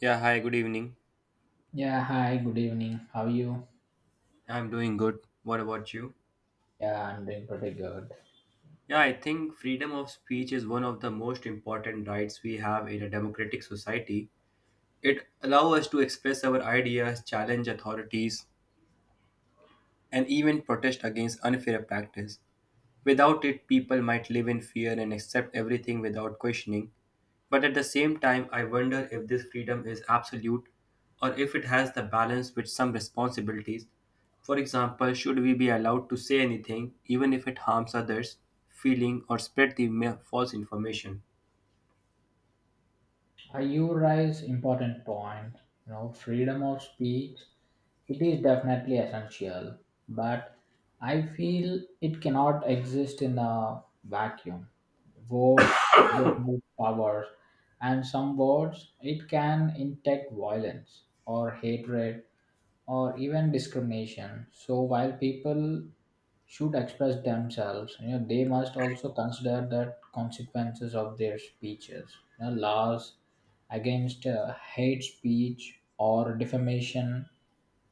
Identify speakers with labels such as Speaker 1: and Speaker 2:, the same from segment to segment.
Speaker 1: Yeah, hi, good evening.
Speaker 2: Yeah, hi, good evening. How are you?
Speaker 1: I'm doing good. What about you?
Speaker 2: Yeah, I'm doing pretty good.
Speaker 1: Yeah, I think freedom of speech is one of the most important rights we have in a democratic society. It allows us to express our ideas, challenge authorities, and even protest against unfair practice. Without it, people might live in fear and accept everything without questioning. But at the same time, I wonder if this freedom is absolute or if it has the balance with some responsibilities. For example, should we be allowed to say anything even if it harms others, feeling, or spread the false information?
Speaker 2: You raise important point. You know, freedom of speech, it is definitely essential, but I feel it cannot exist in a vacuum. Words they have power, and some words it can inject violence or hatred or even discrimination. So while people should express themselves, you know, they must also consider the consequences of their speeches. You know, laws against hate speech or defamation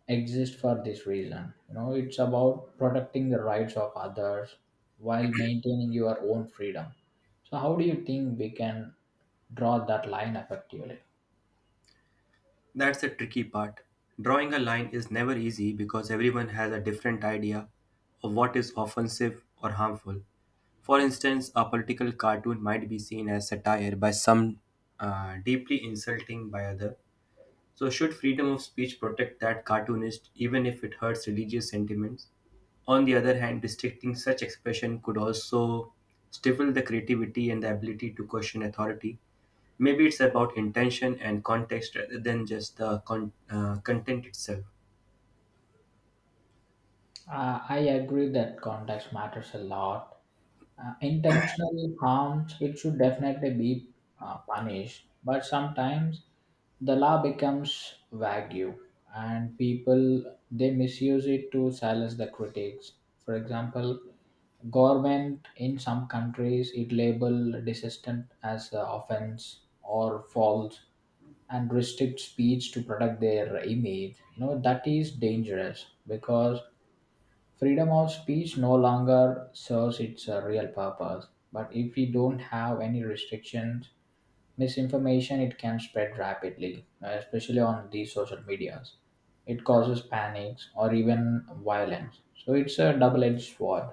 Speaker 2: exist for this reason. You know, it's about protecting the rights of others while maintaining your own freedom. So how do you think we can draw that line effectively?
Speaker 1: That's the tricky part. Drawing a line is never easy because everyone has a different idea of what is offensive or harmful. For instance, a political cartoon might be seen as satire by some, deeply insulting by other. So, should freedom of speech protect that cartoonist even if it hurts religious sentiments? On the other hand, restricting such expression could also stifle the creativity and the ability to question authority. Maybe it's about intention and context rather than just the content itself.
Speaker 2: I agree that context matters a lot. Intentional harms it should definitely be punished, but sometimes the law becomes vague and people they misuse it to silence the critics. For example, government in some countries it label dissent as offense or false and restrict speech to protect their image. You know, that is dangerous because freedom of speech no longer serves its real purpose, but if we don't have any restrictions, misinformation it can spread rapidly, especially on these social medias. It causes panics or even violence. So it's a double-edged sword.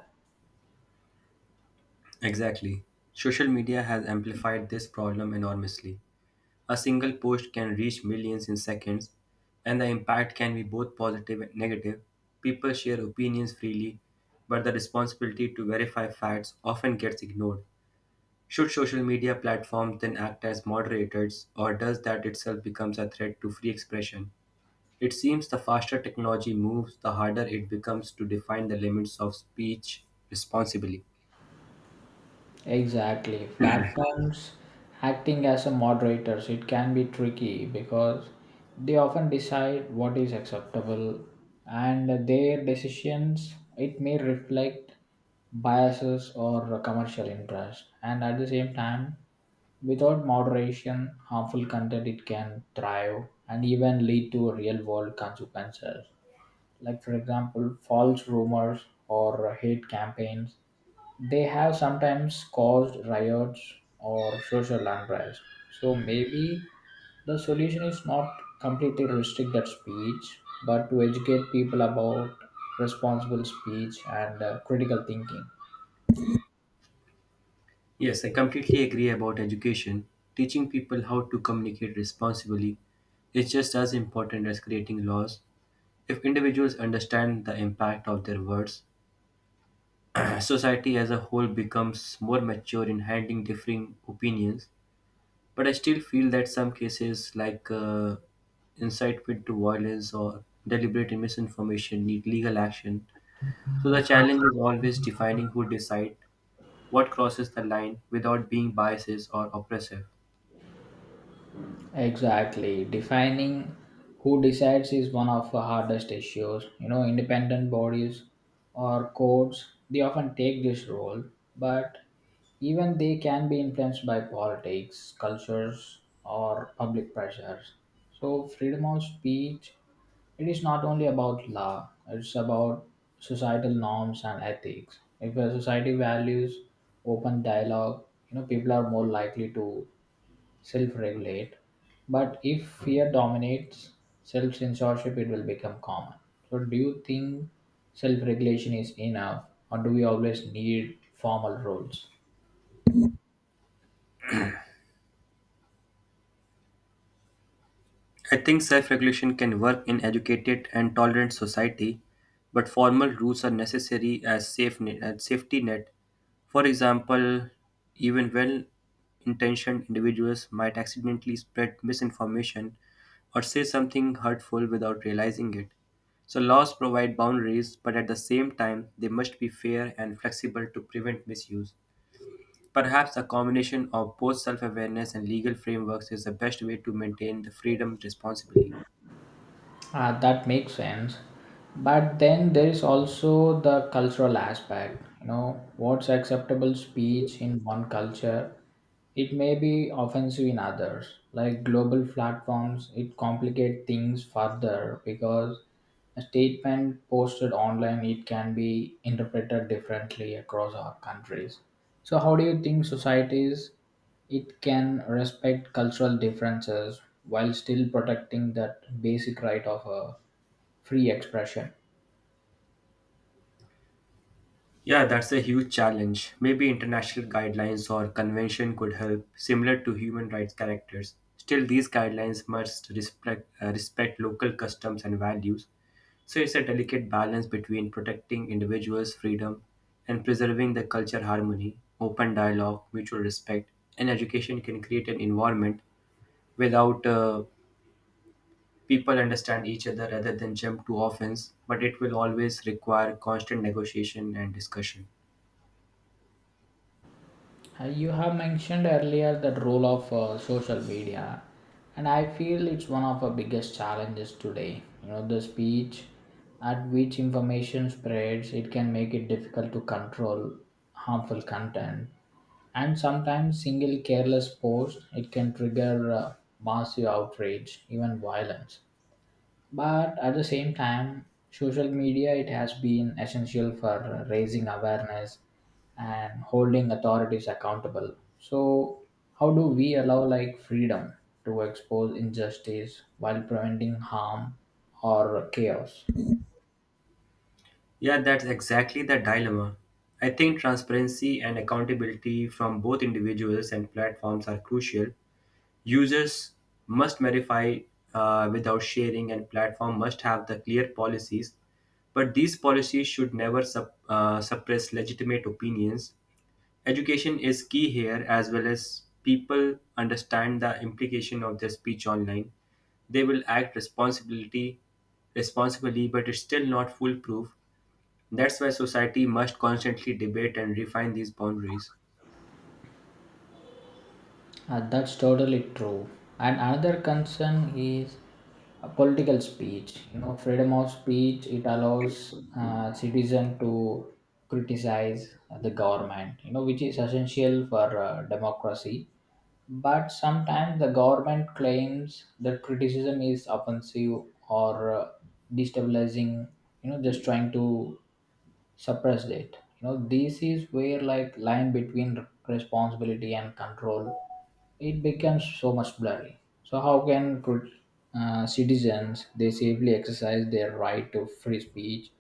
Speaker 1: Exactly. Social media has amplified this problem enormously. A single post can reach millions in seconds, and the impact can be both positive and negative. People share opinions freely, but the responsibility to verify facts often gets ignored. Should social media platforms then act as moderators, or does that itself becomes a threat to free expression? It seems the faster technology moves, the harder it becomes to define the limits of speech responsibly.
Speaker 2: Exactly. Platforms acting as a moderators, it can be tricky because they often decide what is acceptable and their decisions it may reflect biases or commercial interest, and at the same time, without moderation harmful content it can thrive and even lead to real world consequences, like for example false rumors or hate campaigns they have sometimes caused riots or social unrest. So maybe the solution is not completely restrict that speech, but to educate people about responsible speech and critical thinking.
Speaker 1: Yes, I completely agree about education. Teaching people how to communicate responsibly is just as important as creating laws. If individuals understand the impact of their words, society as a whole becomes more mature in handling differing opinions. But I still feel that some cases, like incitement to violence or deliberate misinformation, need legal action. So the challenge is always defining who decide what crosses the line without being biases or oppressive.
Speaker 2: Exactly. Defining who decides is one of the hardest issues. You know, independent bodies or courts, they often take this role, but even they can be influenced by politics, cultures, or public pressures. So, freedom of speech, it is not only about law, it's about societal norms and ethics. If a society values open dialogue, you know, people are more likely to self regulate. But if fear dominates self censorship, it will become common. So, do you think self regulation is enough, or do we always need formal rules?
Speaker 1: I think self-regulation can work in educated and tolerant society, but formal rules are necessary as safe net, as safety net. For example, even well-intentioned individuals might accidentally spread misinformation or say something hurtful without realizing it. So laws provide boundaries, but at the same time, they must be fair and flexible to prevent misuse. Perhaps a combination of both self awareness and legal frameworks is the best way to maintain the freedom responsibly.
Speaker 2: Ah, that makes sense. But then there is also the cultural aspect. You know, what's acceptable speech in one culture, it may be offensive in others. Like global platforms, it complicate things further because a statement posted online, it can be interpreted differently across our countries. So, how do you think societies it can respect cultural differences while still protecting that basic right of a free expression?
Speaker 1: Yeah, that's a huge challenge. Maybe international guidelines or convention could help, similar to human rights characters. Still, these guidelines must respect local customs and values. So, it's a delicate balance between protecting individuals' freedom and preserving the culture harmony, open dialogue, mutual respect, and education can create an environment without people understand each other rather than jump to offense, but it will always require constant negotiation and discussion.
Speaker 2: You have mentioned earlier that role of social media, and I feel it's one of the biggest challenges today. You know, the speech at which information spreads, it can make it difficult to control harmful content, and sometimes single careless post, it can trigger massive outrage, even violence, but at the same time social media it has been essential for raising awareness and holding authorities accountable. So how do we allow like freedom to expose injustice while preventing harm or chaos?
Speaker 1: Yeah, that's exactly the dilemma. I think transparency and accountability from both individuals and platforms are crucial. Users must verify without sharing, and platform must have the clear policies. But these policies should never suppress legitimate opinions. Education is key here as well as people understand the implication of their speech online. They will act responsibility responsibly, but it's still not foolproof. That's why society must constantly debate and refine these boundaries.
Speaker 2: That's totally true. And another concern is political speech. You know, freedom of speech it allows citizen to criticize the government. You know, which is essential for democracy. But sometimes the government claims that criticism is offensive or destabilizing. You know, just trying to suppress it. You know, this is where like line between responsibility and control it becomes so much blurry. So how can citizens they safely exercise their right to free speech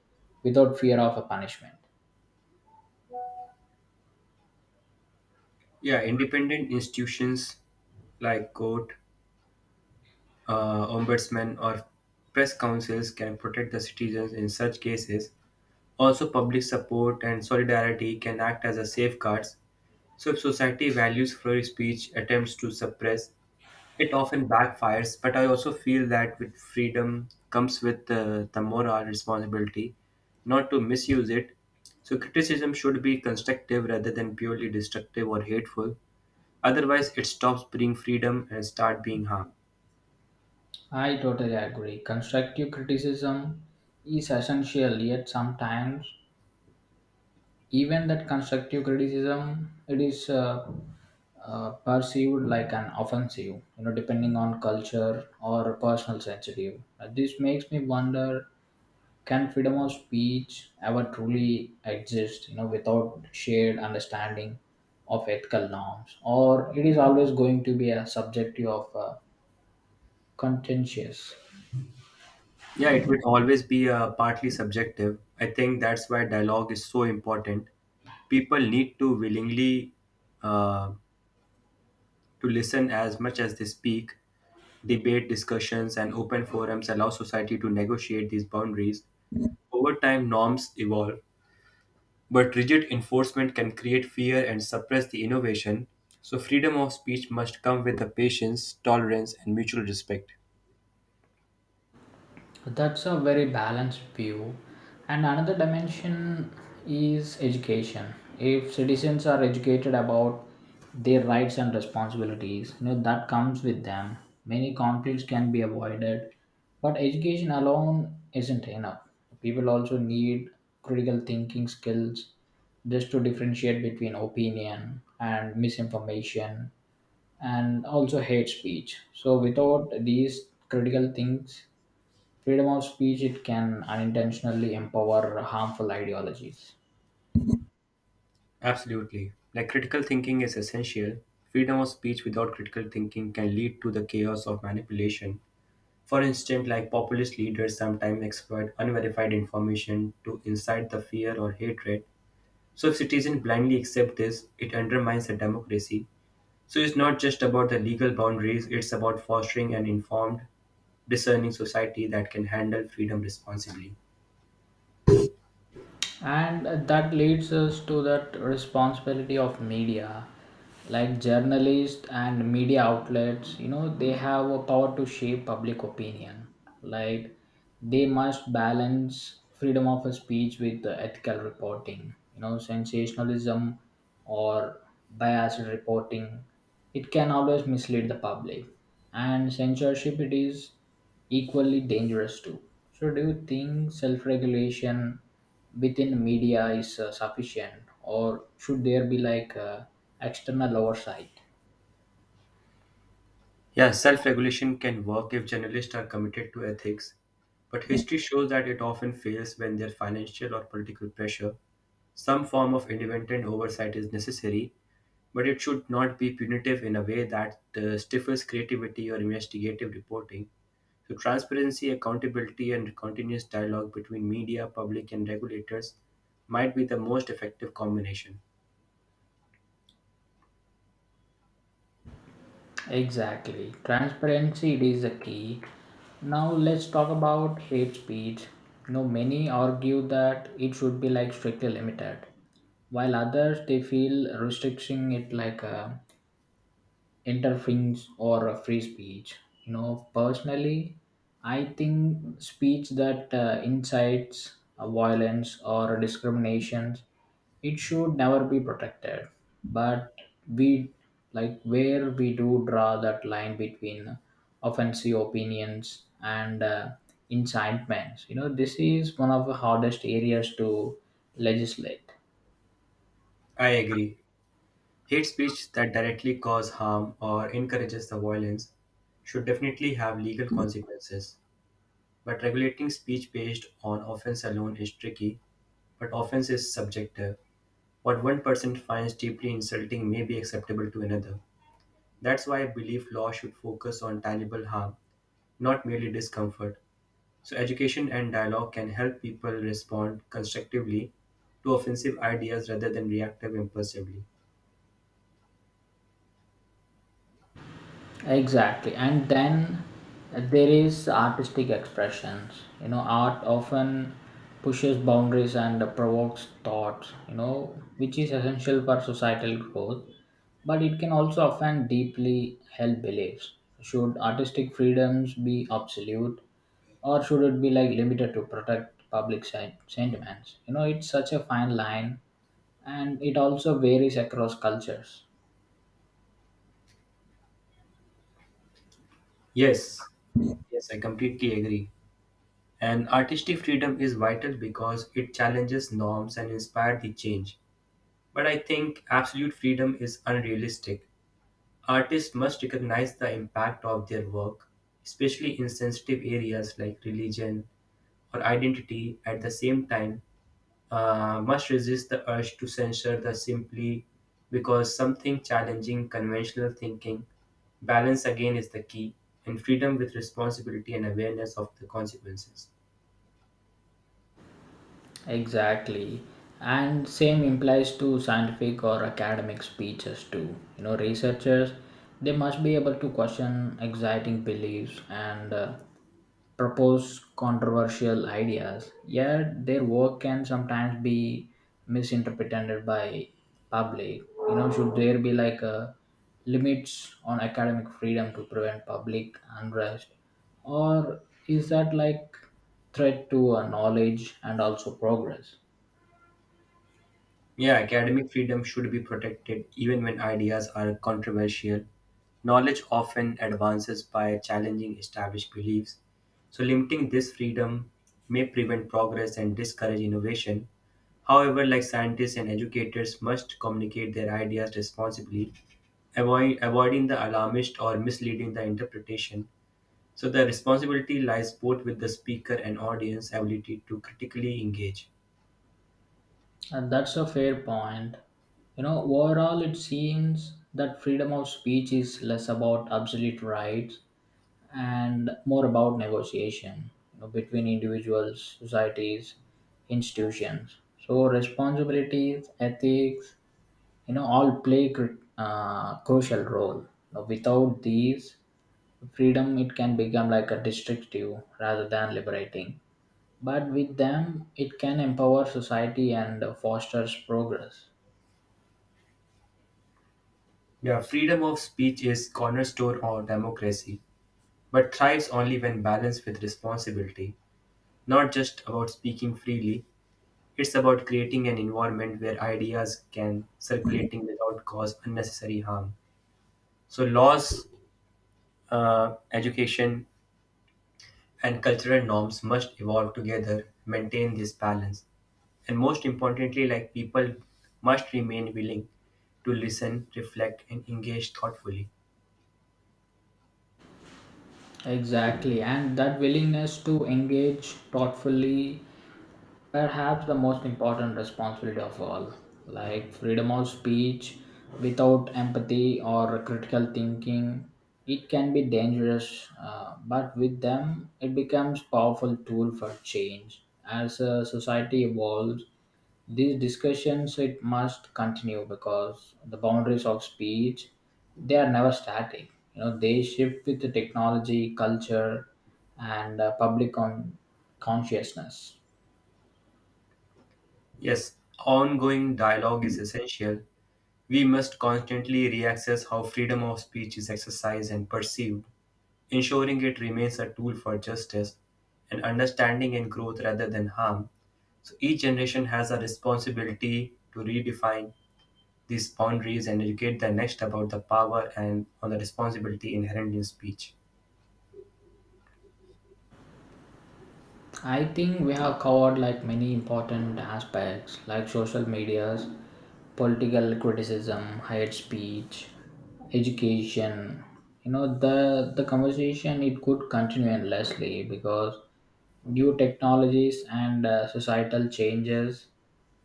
Speaker 2: without fear of a punishment?
Speaker 1: Yeah, independent institutions like court, ombudsmen or press councils can protect the citizens in such cases. Also, public support and solidarity can act as a safeguards. So, if society values free speech, attempts to suppress it often backfires. But I also feel that with freedom comes with the moral responsibility not to misuse it. So, criticism should be constructive rather than purely destructive or hateful. Otherwise, it stops being freedom and start being harm.
Speaker 2: I totally agree. Constructive criticism is essential, yet sometimes even that constructive criticism it is perceived like an offensive. You know, depending on culture or personal sensitive. This makes me wonder, can freedom of speech ever truly exist, you know, without shared understanding of ethical norms, or it is always going to be a subjective of contentious?
Speaker 1: Yeah, it will always be partly subjective. I think that's why dialogue is so important. People need to willingly uh, to listen as much as they speak. Debate, discussions, and open forums allow society to negotiate these boundaries. Over time, norms evolve, but rigid enforcement can create fear and suppress the innovation. So, freedom of speech must come with the patience, tolerance, and mutual respect.
Speaker 2: So, that's a very balanced view. And another dimension is education. If citizens are educated about their rights and responsibilities, you know, that comes with them. Many conflicts can be avoided, but education alone isn't enough. People also need critical thinking skills just to differentiate between opinion and misinformation and also hate speech. So, without these critical things, freedom of speech it can unintentionally empower harmful ideologies.
Speaker 1: Absolutely. Like critical thinking is essential. Freedom of speech without critical thinking can lead to the chaos of manipulation. For instance, like populist leaders sometimes exploit unverified information to incite the fear or hatred. So if citizens blindly accept this, it undermines the democracy. So it's not just about the legal boundaries, it's about fostering an informed, discerning society that can handle freedom responsibly.
Speaker 2: And that leads us to that responsibility of media, like journalists and media outlets. You know, they have a power to shape public opinion. Like they must balance freedom of speech with the ethical reporting. You know, sensationalism or biased reporting it can always mislead the public, and censorship it is equally dangerous too. So, do you think self regulation within media is sufficient, or should there be like external oversight?
Speaker 1: Yeah, self regulation can work if journalists are committed to ethics, but history shows that it often fails when there's financial or political pressure. Some form of independent oversight is necessary, but it should not be punitive in a way that stifles creativity or investigative reporting. So, transparency, accountability, and continuous dialogue between media, public, and regulators might be the most effective combination.
Speaker 2: Exactly, transparency it is the key. Now, let's talk about hate speech. You know, many argue that it should be like strictly limited, while others they feel restricting it like. Interference or a free speech. You know, personally I think speech that incites violence or discriminations it should never be protected, but we, like, where we do draw that line between offensive opinions and incitements. You know, this is one of the hardest areas to legislate.
Speaker 1: I agree. Hate speech that directly cause harm or encourages the violence should definitely have legal consequences, but regulating speech based on offense alone is tricky, but offense is subjective. What one person finds deeply insulting may be acceptable to another. That's why I believe law should focus on tangible harm, not merely discomfort. So, education and dialogue can help people respond constructively to offensive ideas rather than reactive impulsively.
Speaker 2: Exactly. And then there is artistic expressions. You know, art often pushes boundaries and provokes thoughts, you know, which is essential for societal growth, but it can also offend deeply held beliefs. Should artistic freedoms be absolute, or should it be like limited to protect public sentiments? You know, it's such a fine line and it also varies across cultures.
Speaker 1: Yes, yes, I completely agree. And artistic freedom is vital because it challenges norms and inspires the change. But I think absolute freedom is unrealistic. Artists must recognize the impact of their work, especially in sensitive areas like religion or identity, at the same time, must resist the urge to censor the simply because something challenging conventional thinking. Balance again is the key, and freedom with responsibility and awareness of the consequences.
Speaker 2: Exactly. And same implies to scientific or academic speeches too. You know, researchers, they must be able to question exciting beliefs and propose controversial ideas. Yet their work can sometimes be misinterpreted by public. You know, should there be like a limits on academic freedom to prevent public unrest, or is that like threat to our knowledge and also progress?
Speaker 1: Yeah, academic freedom should be protected even when ideas are controversial. Knowledge often advances by challenging established beliefs, so limiting this freedom may prevent progress and discourage innovation. However, like scientists and educators must communicate their ideas responsibly, avoiding the alarmist or misleading the interpretation. So the responsibility lies both with the speaker and audience ability to critically engage.
Speaker 2: And that's a fair point. You know, overall it seems that freedom of speech is less about absolute rights and more about negotiation, you know, between individuals, societies, institutions. So responsibilities, ethics, you know, all play crucial role. You know, without these, freedom it can become like a destructive rather than liberating, but with them it can empower society and fosters progress.
Speaker 1: Yeah, freedom of speech is cornerstone of democracy, but thrives only when balanced with responsibility. Not just about speaking freely, it's about creating an environment where ideas can circulating without cause unnecessary harm. So laws, education, and cultural norms must evolve together, maintain this balance, and most importantly, like people must remain willing to listen, reflect, and engage thoughtfully.
Speaker 2: Exactly, and that willingness to engage thoughtfully, perhaps the most important responsibility of all. Like freedom of speech without empathy or critical thinking, it can be dangerous, but with them it becomes powerful tool for change. As a society evolves, these discussions it must continue because the boundaries of speech they are never static. You know, they shift with the technology, culture, and public consciousness.
Speaker 1: Yes, ongoing dialogue is essential. We must constantly reassess how freedom of speech is exercised and perceived, ensuring it remains a tool for justice and understanding and growth rather than harm. So each generation has a responsibility to redefine these boundaries and educate the next about the power and on the responsibility inherent in speech.
Speaker 2: I think we have covered like many important aspects, like social medias, political criticism, hate speech, education. You know, the conversation it could continue endlessly because new technologies and societal changes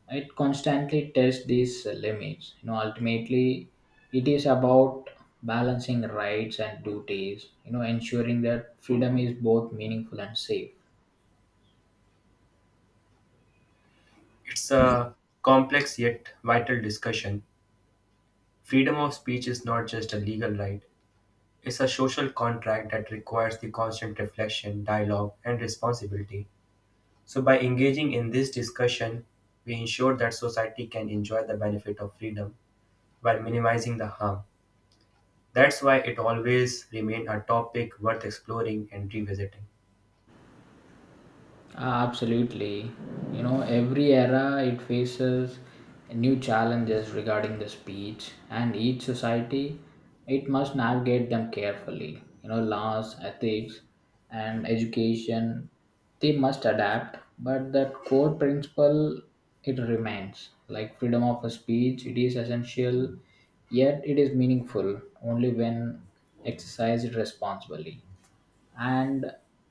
Speaker 2: it constantly tests these limits. You know, ultimately it is about balancing rights and duties. You know, ensuring that freedom is both meaningful and safe.
Speaker 1: It's a complex yet vital discussion. Freedom of speech is not just a legal right, it's a social contract that requires the constant reflection, dialogue, and responsibility. So, by engaging in this discussion, we ensure that society can enjoy the benefit of freedom while minimizing the harm. That's why it always remains a topic worth exploring and revisiting.
Speaker 2: Absolutely. You know, every era it faces new challenges regarding the speech, and each society it must navigate them carefully. You know, laws, ethics, and education they must adapt, but that core principle it remains like freedom of a speech, it is essential, yet it is meaningful only when exercised responsibly, and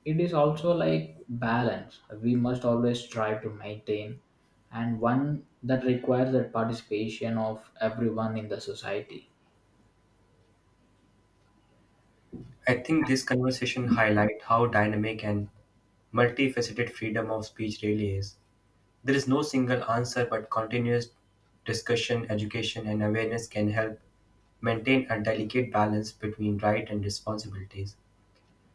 Speaker 2: it is also like balance we must always try to maintain and one that requires the participation of everyone in the society.
Speaker 1: I think this conversation highlights how dynamic and multifaceted freedom of speech really is. There is no single answer, but continuous discussion, education, and awareness can help maintain a delicate balance between right and responsibilities.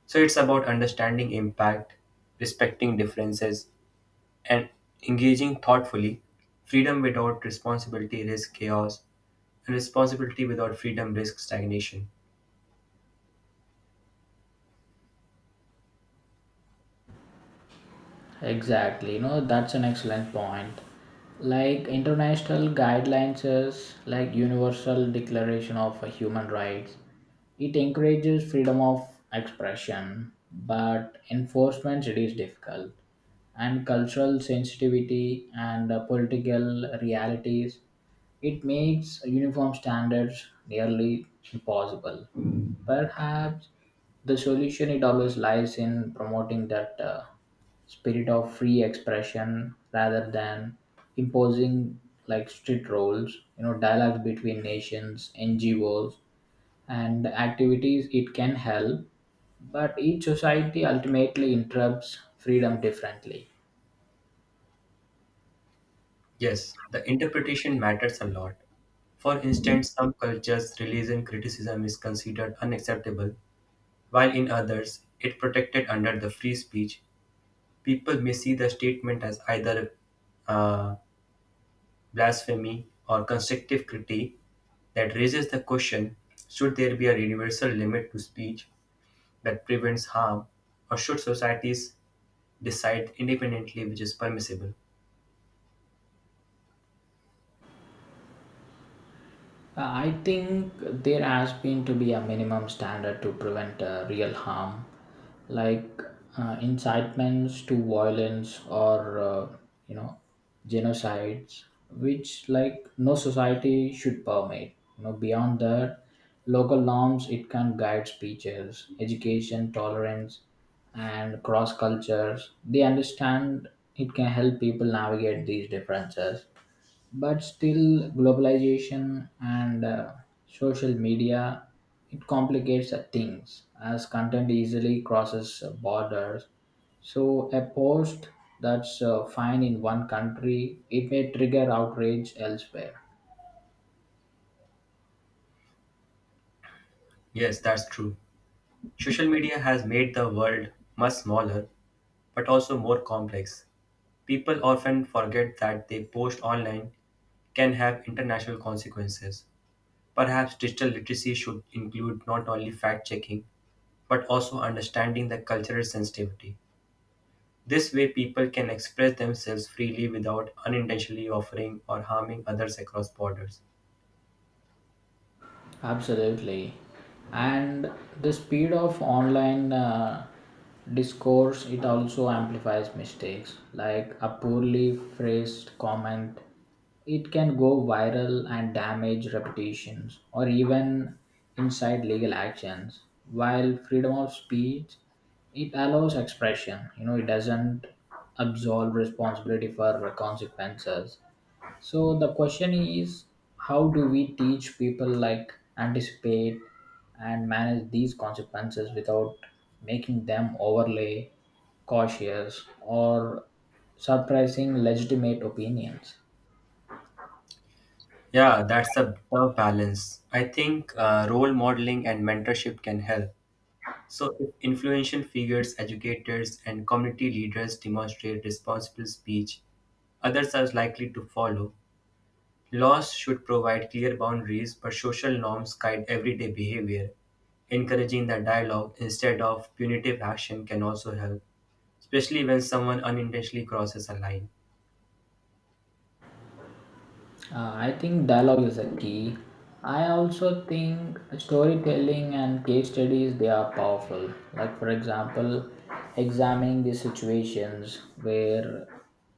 Speaker 1: So it's about understanding impact, respecting differences, and engaging thoughtfully. Freedom without responsibility risks chaos, and responsibility without freedom risks stagnation.
Speaker 2: Exactly, you know, that's an excellent point. Like international guidelines is like universal declaration of human rights. It encourages freedom of expression, but enforcement it is difficult. And cultural sensitivity and political realities, it makes uniform standards nearly impossible. Perhaps the solution it always lies in promoting that spirit of free expression rather than imposing like strict roles. You know, dialogues between nations, NGOs, and activities it can help, but each society ultimately interrupts freedom differently.
Speaker 1: Yes, the interpretation matters a lot. For instance, some cultures, religion criticism is considered unacceptable, while in others, it protected under the free speech. People may see the statement as either uh, blasphemy, or constructive critique that raises the question should there be a universal limit to speech that prevents harm, or should societies decide independently which is permissible?
Speaker 2: I think there has been to be a minimum standard to prevent real harm, like incitements to violence or you know, genocides, which like no society should permit. You know, beyond that, local norms it can guide speeches, education, tolerance, and cross cultures. They understand it can help people navigate these differences, but still globalization and social media it complicates things as content easily crosses borders. So a post that's fine in one country it may trigger outrage elsewhere.
Speaker 1: Yes, that's true. Social media has made the world much smaller but also more complex. People often forget that they post online can have international consequences. Perhaps digital literacy should include not only fact checking but also understanding the cultural sensitivity. This way, people can express themselves freely without unintentionally offering or harming others across borders.
Speaker 2: Absolutely. And the speed of online discourse it also amplifies mistakes, like a poorly phrased comment it can go viral and damage reputations or even incite legal actions. While freedom of speech it allows expression, you know, it doesn't absolve responsibility for consequences. So the question is, how do we teach people like anticipate and manage these consequences without making them overly cautious or surprising legitimate opinions?
Speaker 1: Yeah, that's a tough balance. I think role modeling and mentorship can help. So, if influential figures, educators, and community leaders demonstrate responsible speech, others are likely to follow. Laws should provide clear boundaries, but social norms guide everyday behavior. Encouraging the dialogue instead of punitive action can also help, especially when someone unintentionally crosses a line.
Speaker 2: I think dialogue is a key. I also think storytelling and case studies they are powerful. Like for example, examining the situations where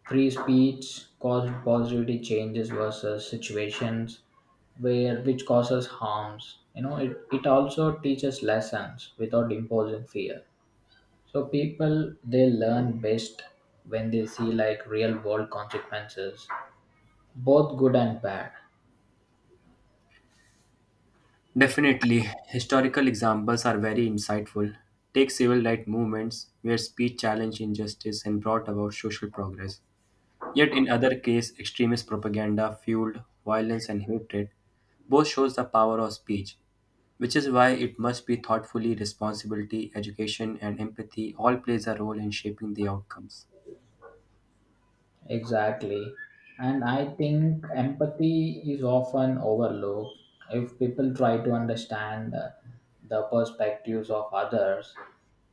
Speaker 2: free speech caused positivity changes versus situations where which causes harms. You know, it also teaches lessons without imposing fear. So people they learn best when they see like real world consequences, both good and bad.
Speaker 1: Definitely, historical examples are very insightful. Take civil rights movements where speech challenged injustice and brought about social progress. Yet in other case, extremist propaganda fueled violence and hatred. Both shows the power of speech, which is why it must be thoughtfully responsibility, education and empathy all plays a role in shaping the outcomes.
Speaker 2: Exactly. And I think empathy is often overlooked. If people try to understand the perspectives of others,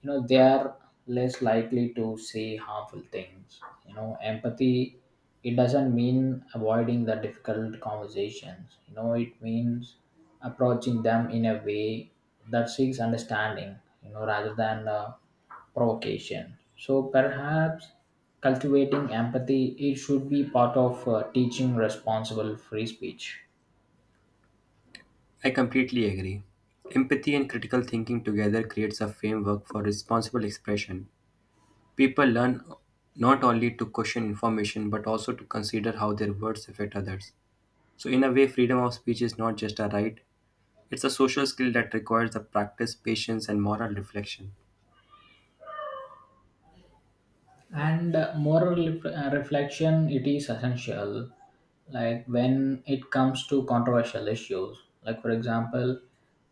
Speaker 2: you know, they are less likely to say harmful things. You know, empathy, it doesn't mean avoiding the difficult conversations. You know, it means approaching them in a way that seeks understanding, you know, rather than provocation. So perhaps cultivating empathy it should be part of teaching responsible free speech.
Speaker 1: I completely agree. Empathy and critical thinking together creates a framework for responsible expression. People learn not only to question information but also to consider how their words affect others. So, in a way, freedom of speech is not just a right, it's a social skill that requires the practice, patience, and moral reflection.
Speaker 2: And moral reflection it is essential, like when it comes to controversial issues, like for example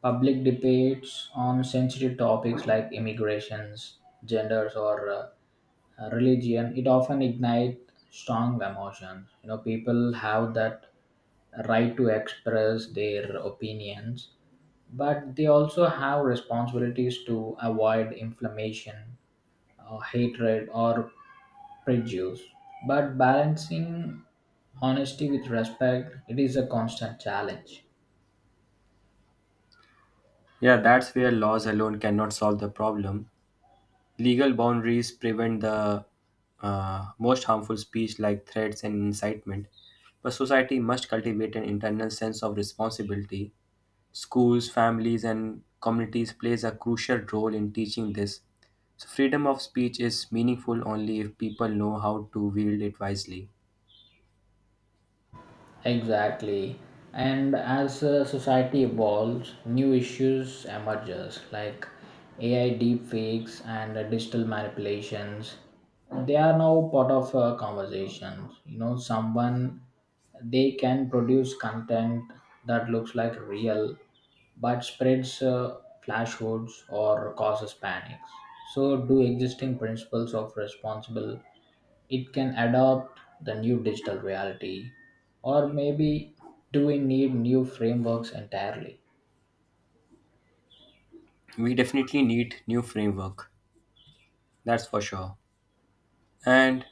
Speaker 2: public debates on sensitive topics like immigrations, genders, or religion, it often ignite strong emotions. You know, people have that right to express their opinions, but they also have responsibilities to avoid inflammation, hatred, or prejudice, but balancing honesty with respect it is a constant challenge.
Speaker 1: Yeah, that's where laws alone cannot solve the problem. Legal boundaries prevent the most harmful speech like threats and incitement, but society must cultivate an internal sense of responsibility. Schools, families, and communities plays a crucial role in teaching this. So freedom of speech is meaningful only if people know how to wield it wisely.
Speaker 2: Exactly. And as society evolves, new issues emerges like AI deepfakes and digital manipulations. They are now part of conversations. You know, someone they can produce content that looks like real but spreads flashhoods or causes panics. So, do existing principles of responsible it can adopt the new digital reality, or maybe do we need new frameworks entirely?
Speaker 1: We definitely need new framework, that's for sure. And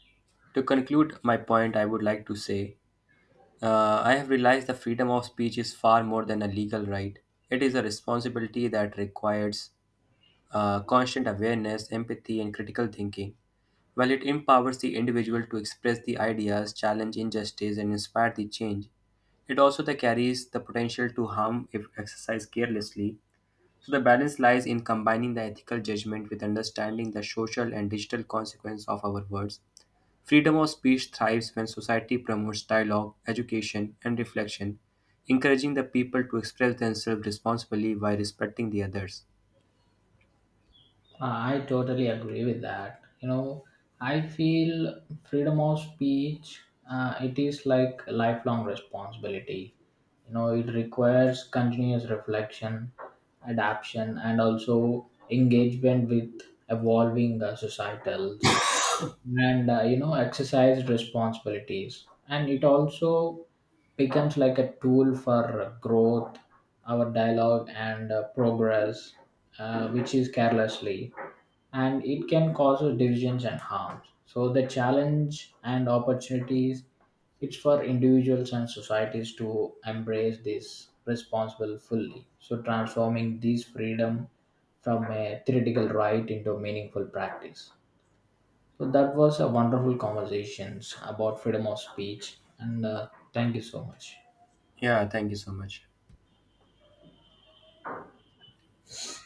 Speaker 1: to conclude my point, I would like to say I have realized that freedom of speech is far more than a legal right. It is a responsibility that requires constant awareness, empathy, and critical thinking. While it empowers the individual to express the ideas, challenge injustice, and inspire the change, it also that carries the potential to harm if exercised carelessly. So the balance lies in combining the ethical judgment with understanding the social and digital consequence of our words. Freedom of speech thrives when society promotes dialogue, education, and reflection, encouraging the people to express themselves responsibly while respecting the others.
Speaker 2: I totally agree with that. You know, I feel freedom of speech, it is like a lifelong responsibility. You know, it requires continuous reflection, adaptation, and also engagement with evolving societals. And you know, exercise responsibilities and it also becomes like a tool for growth, our dialogue, and progress, which is carelessly and it can cause us divisions and harms. So the challenge and opportunities it's for individuals and societies to embrace this responsible fully, so transforming this freedom from a theoretical right into meaningful practice. So that was a wonderful conversations about freedom of speech, and thank you so much.
Speaker 1: Yeah, thank you so much.